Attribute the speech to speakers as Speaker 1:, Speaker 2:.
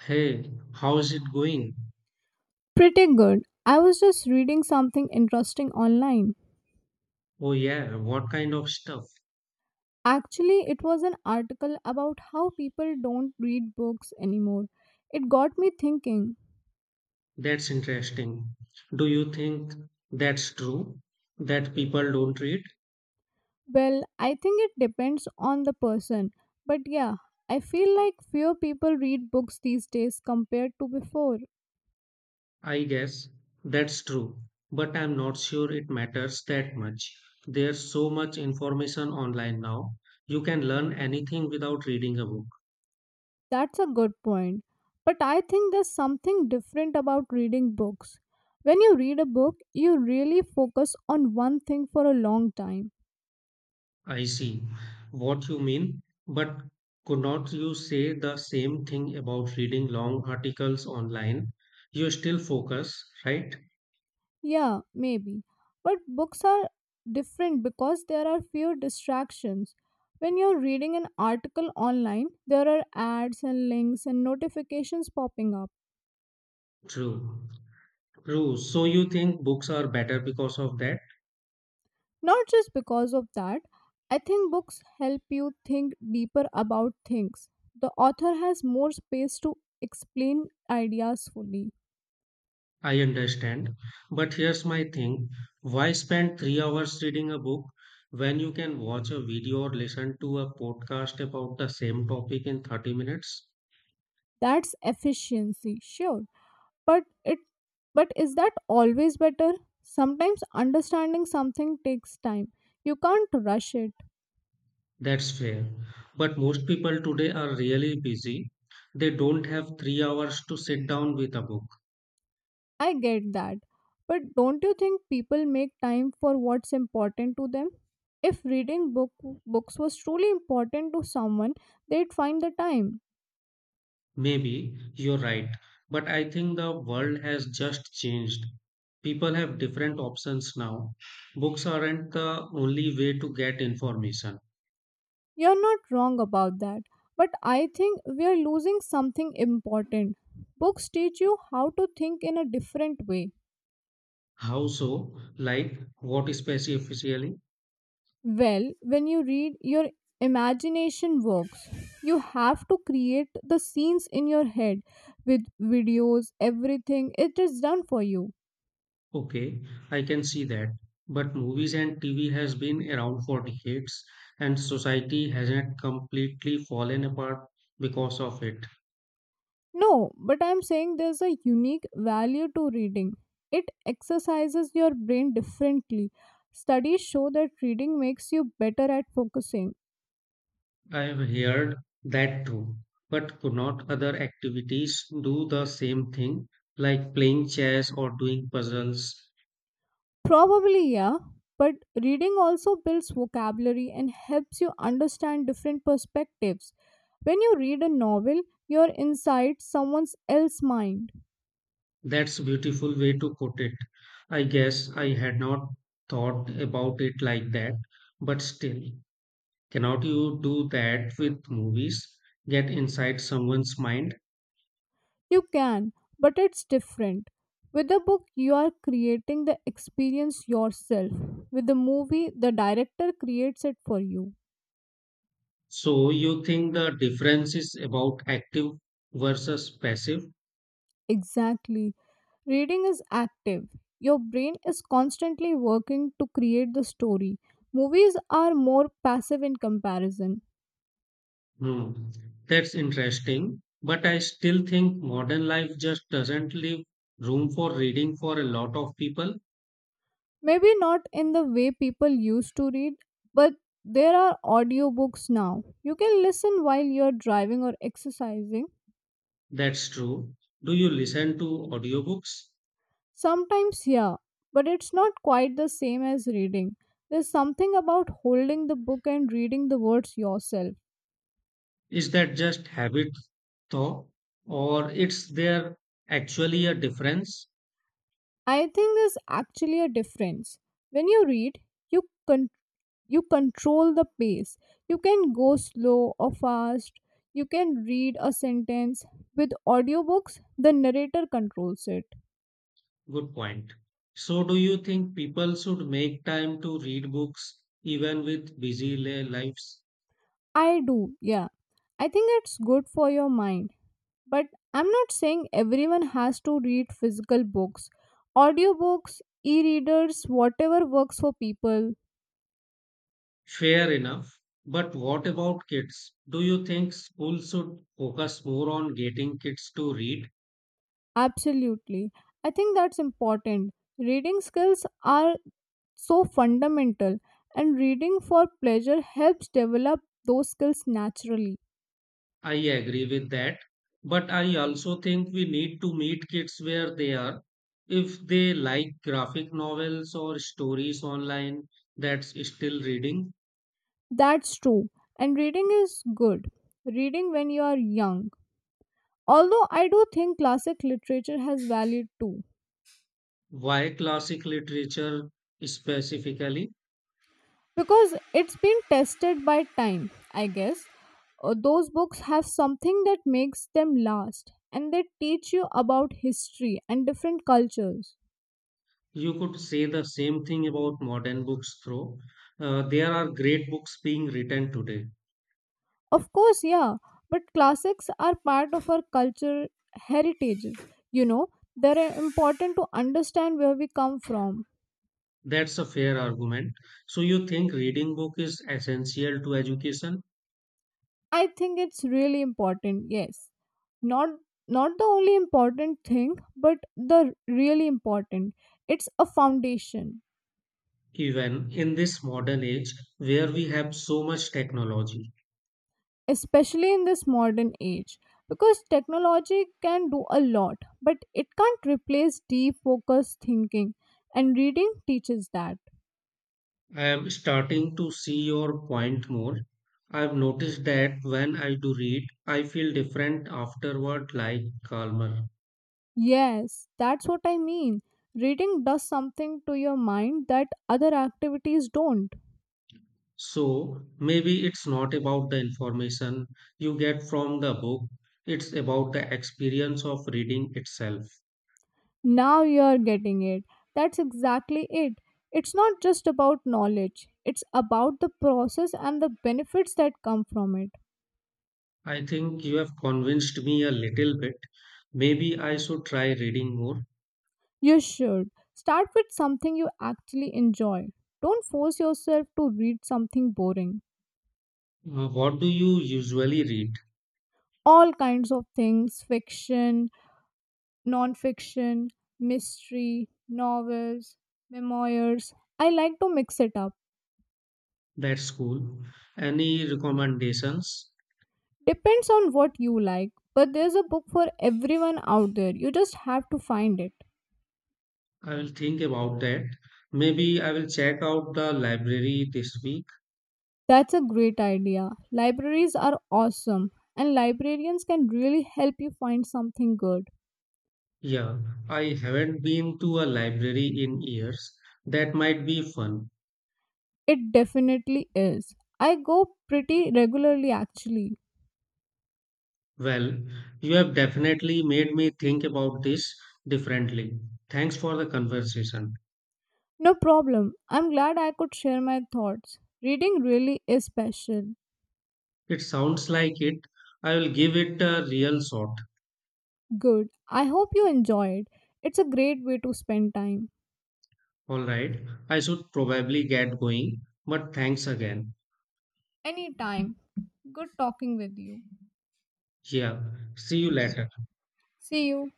Speaker 1: Hey, how's it going?
Speaker 2: Pretty good. I was just reading something interesting online.
Speaker 1: Oh, yeah, what kind of stuff?
Speaker 2: Actually, it was an article about how people don't read books anymore. It got me thinking.
Speaker 1: That's interesting. Do you think that's true? That people don't read?
Speaker 2: Well, I think it depends on the person. But yeah, I feel like fewer people read books these days compared to before.
Speaker 1: I guess that's true. But I'm not sure it matters that much. There's so much information online now. You can learn anything without reading a book.
Speaker 2: That's a good point. But I think there's something different about reading books. When you read a book, you really focus on one thing for a long time.
Speaker 1: I see what you mean, but could not you say the same thing about reading long articles online? You still focus, right?
Speaker 2: Yeah, maybe. But books are different because there are fewer distractions. When you're reading an article online, there are ads and links and notifications popping up.
Speaker 1: True. True. So you think books are better because of that?
Speaker 2: Not just because of that, I think books help you think deeper about things. The author has more space to explain ideas fully.
Speaker 1: I understand. But here's my thing. Why spend 3 hours reading a book when you can watch a video or listen to a podcast about the same topic in 30 minutes?
Speaker 2: That's efficiency, sure. but it but is that always better? Sometimes understanding something takes time. You can't rush it.
Speaker 1: That's fair. But most people today are really busy. They don't have 3 hours to sit down with a book.
Speaker 2: I get that, but don't you think people make time for what's important to them? If reading book books was truly important to someone, they'd find the time.
Speaker 1: Maybe you're right, but I think the world has just changed. People have different options now. Books aren't the only way to get information.
Speaker 2: You're not wrong about that, but I think we are losing something important. Books teach you how to think in a different way.
Speaker 1: How so? Like, what specifically?
Speaker 2: Well, when you read, your imagination works. You have to create the scenes in your head. With videos, everything It is done for you.
Speaker 1: Okay, I can see that. But movies and TV has been around for decades, and society hasn't completely fallen apart because of it.
Speaker 2: No, but I'm saying there's a unique value to reading. It exercises your brain differently. Studies show that reading makes you better at focusing.
Speaker 1: I've heard that too. But could not other activities do the same thing, like playing chess or doing puzzles?
Speaker 2: Probably, yeah. But reading also builds vocabulary and helps you understand different perspectives. When you read a novel, you're inside someone else's mind.
Speaker 1: That's beautiful way to put it. I guess I had not thought about it like that, but still, cannot you do that with movies? Get inside someone's mind?
Speaker 2: You can, but it's different. With a book, you are creating the experience yourself. With the movie, the director creates it for you.
Speaker 1: So you think the difference is about active versus passive?
Speaker 2: Exactly. Reading is active. Your brain is constantly working to create the story. Movies are more passive in comparison.
Speaker 1: Hmm, That's interesting. But I still think modern life just doesn't leave room for reading for a lot of people.
Speaker 2: Maybe not in the way people used to read, but there are audiobooks now. You can listen while you're driving or exercising.
Speaker 1: That's true. Do you listen to audiobooks?
Speaker 2: Sometimes, yeah, but it's not quite the same as reading. There's something about holding the book and reading the words yourself.
Speaker 1: Is that just habit though? Or is there actually a difference?
Speaker 2: I think there's actually a difference. When you read, you con- you control the pace. You can go slow or fast. You can read a sentence. With audiobooks, the narrator controls it.
Speaker 1: Good point. So do you think people should make time to read books even with busy lives?
Speaker 2: I do, yeah. I think it's good for your mind. But I'm not saying everyone has to read physical books. Audiobooks, e readers, whatever works for people.
Speaker 1: Fair enough. But what about kids? Do you think school should focus more on getting kids to read?
Speaker 2: Absolutely. I think that's important. Reading skills are so fundamental, and reading for pleasure helps develop those skills naturally.
Speaker 1: I agree with that. But I also think we need to meet kids where they are. If they like graphic novels or stories online, that's still reading.
Speaker 2: That's true. And reading is good. Reading when you are young. Although I do think classic literature has value too,
Speaker 1: Why classic literature specifically?
Speaker 2: because it's been tested by time, I guess. Those books have something that makes them last, and they teach you about history and different cultures.
Speaker 1: You could say the same thing about modern books, though. There are great books being written today.
Speaker 2: Of course, yeah, but classics are part of our culture, heritages you know they're important to understand where we come from.
Speaker 1: That's a fair argument. So you think reading book is essential to education,
Speaker 2: I think it's really important, yes. Not not the only important thing, but the really important. It's a foundation,
Speaker 1: even in this modern age where we have so much technology.
Speaker 2: especially in this modern age, because technology can do a lot but it can't replace deep focused thinking, and reading teaches that.
Speaker 1: I am starting to see your point more. I've noticed that when I do read, I feel different afterward, like calmer.
Speaker 2: Yes, that's what I mean. Reading does something to your mind that other activities don't.
Speaker 1: So maybe it's not about the information you get from the book, it's about the experience of reading itself.
Speaker 2: Now you're getting it. That's exactly it. It's not just about knowledge, it's about the process and the benefits that come from it.
Speaker 1: I think you have convinced me a little bit. Maybe I should try reading more.
Speaker 2: You should. Start with something you actually enjoy. Don't force yourself to read something boring.
Speaker 1: What do you usually read?
Speaker 2: All kinds of things: fiction, non fiction, mystery, novels, memoirs. I like to mix it up.
Speaker 1: That's cool. Any recommendations?
Speaker 2: Depends on what you like, but there's a book for everyone out there. You just have to find it.
Speaker 1: I will think about that. Maybe I will check out the library this week.
Speaker 2: That's a great idea. Libraries are awesome, and librarians can really help you find something good.
Speaker 1: Yeah, I haven't been to a library in years. That might be fun.
Speaker 2: It definitely is. I go pretty regularly actually.
Speaker 1: Well, you have definitely made me think about this differently. Thanks for the conversation.
Speaker 2: No problem. I'm glad I could share my thoughts. Reading really is special.
Speaker 1: It sounds like it. I will give it a real shot.
Speaker 2: Good. I hope you enjoyed. It's a great way to spend time.
Speaker 1: All right. I should probably get going, but thanks again.
Speaker 2: Anytime. Good talking with you.
Speaker 1: Yeah. See you later.
Speaker 2: See you.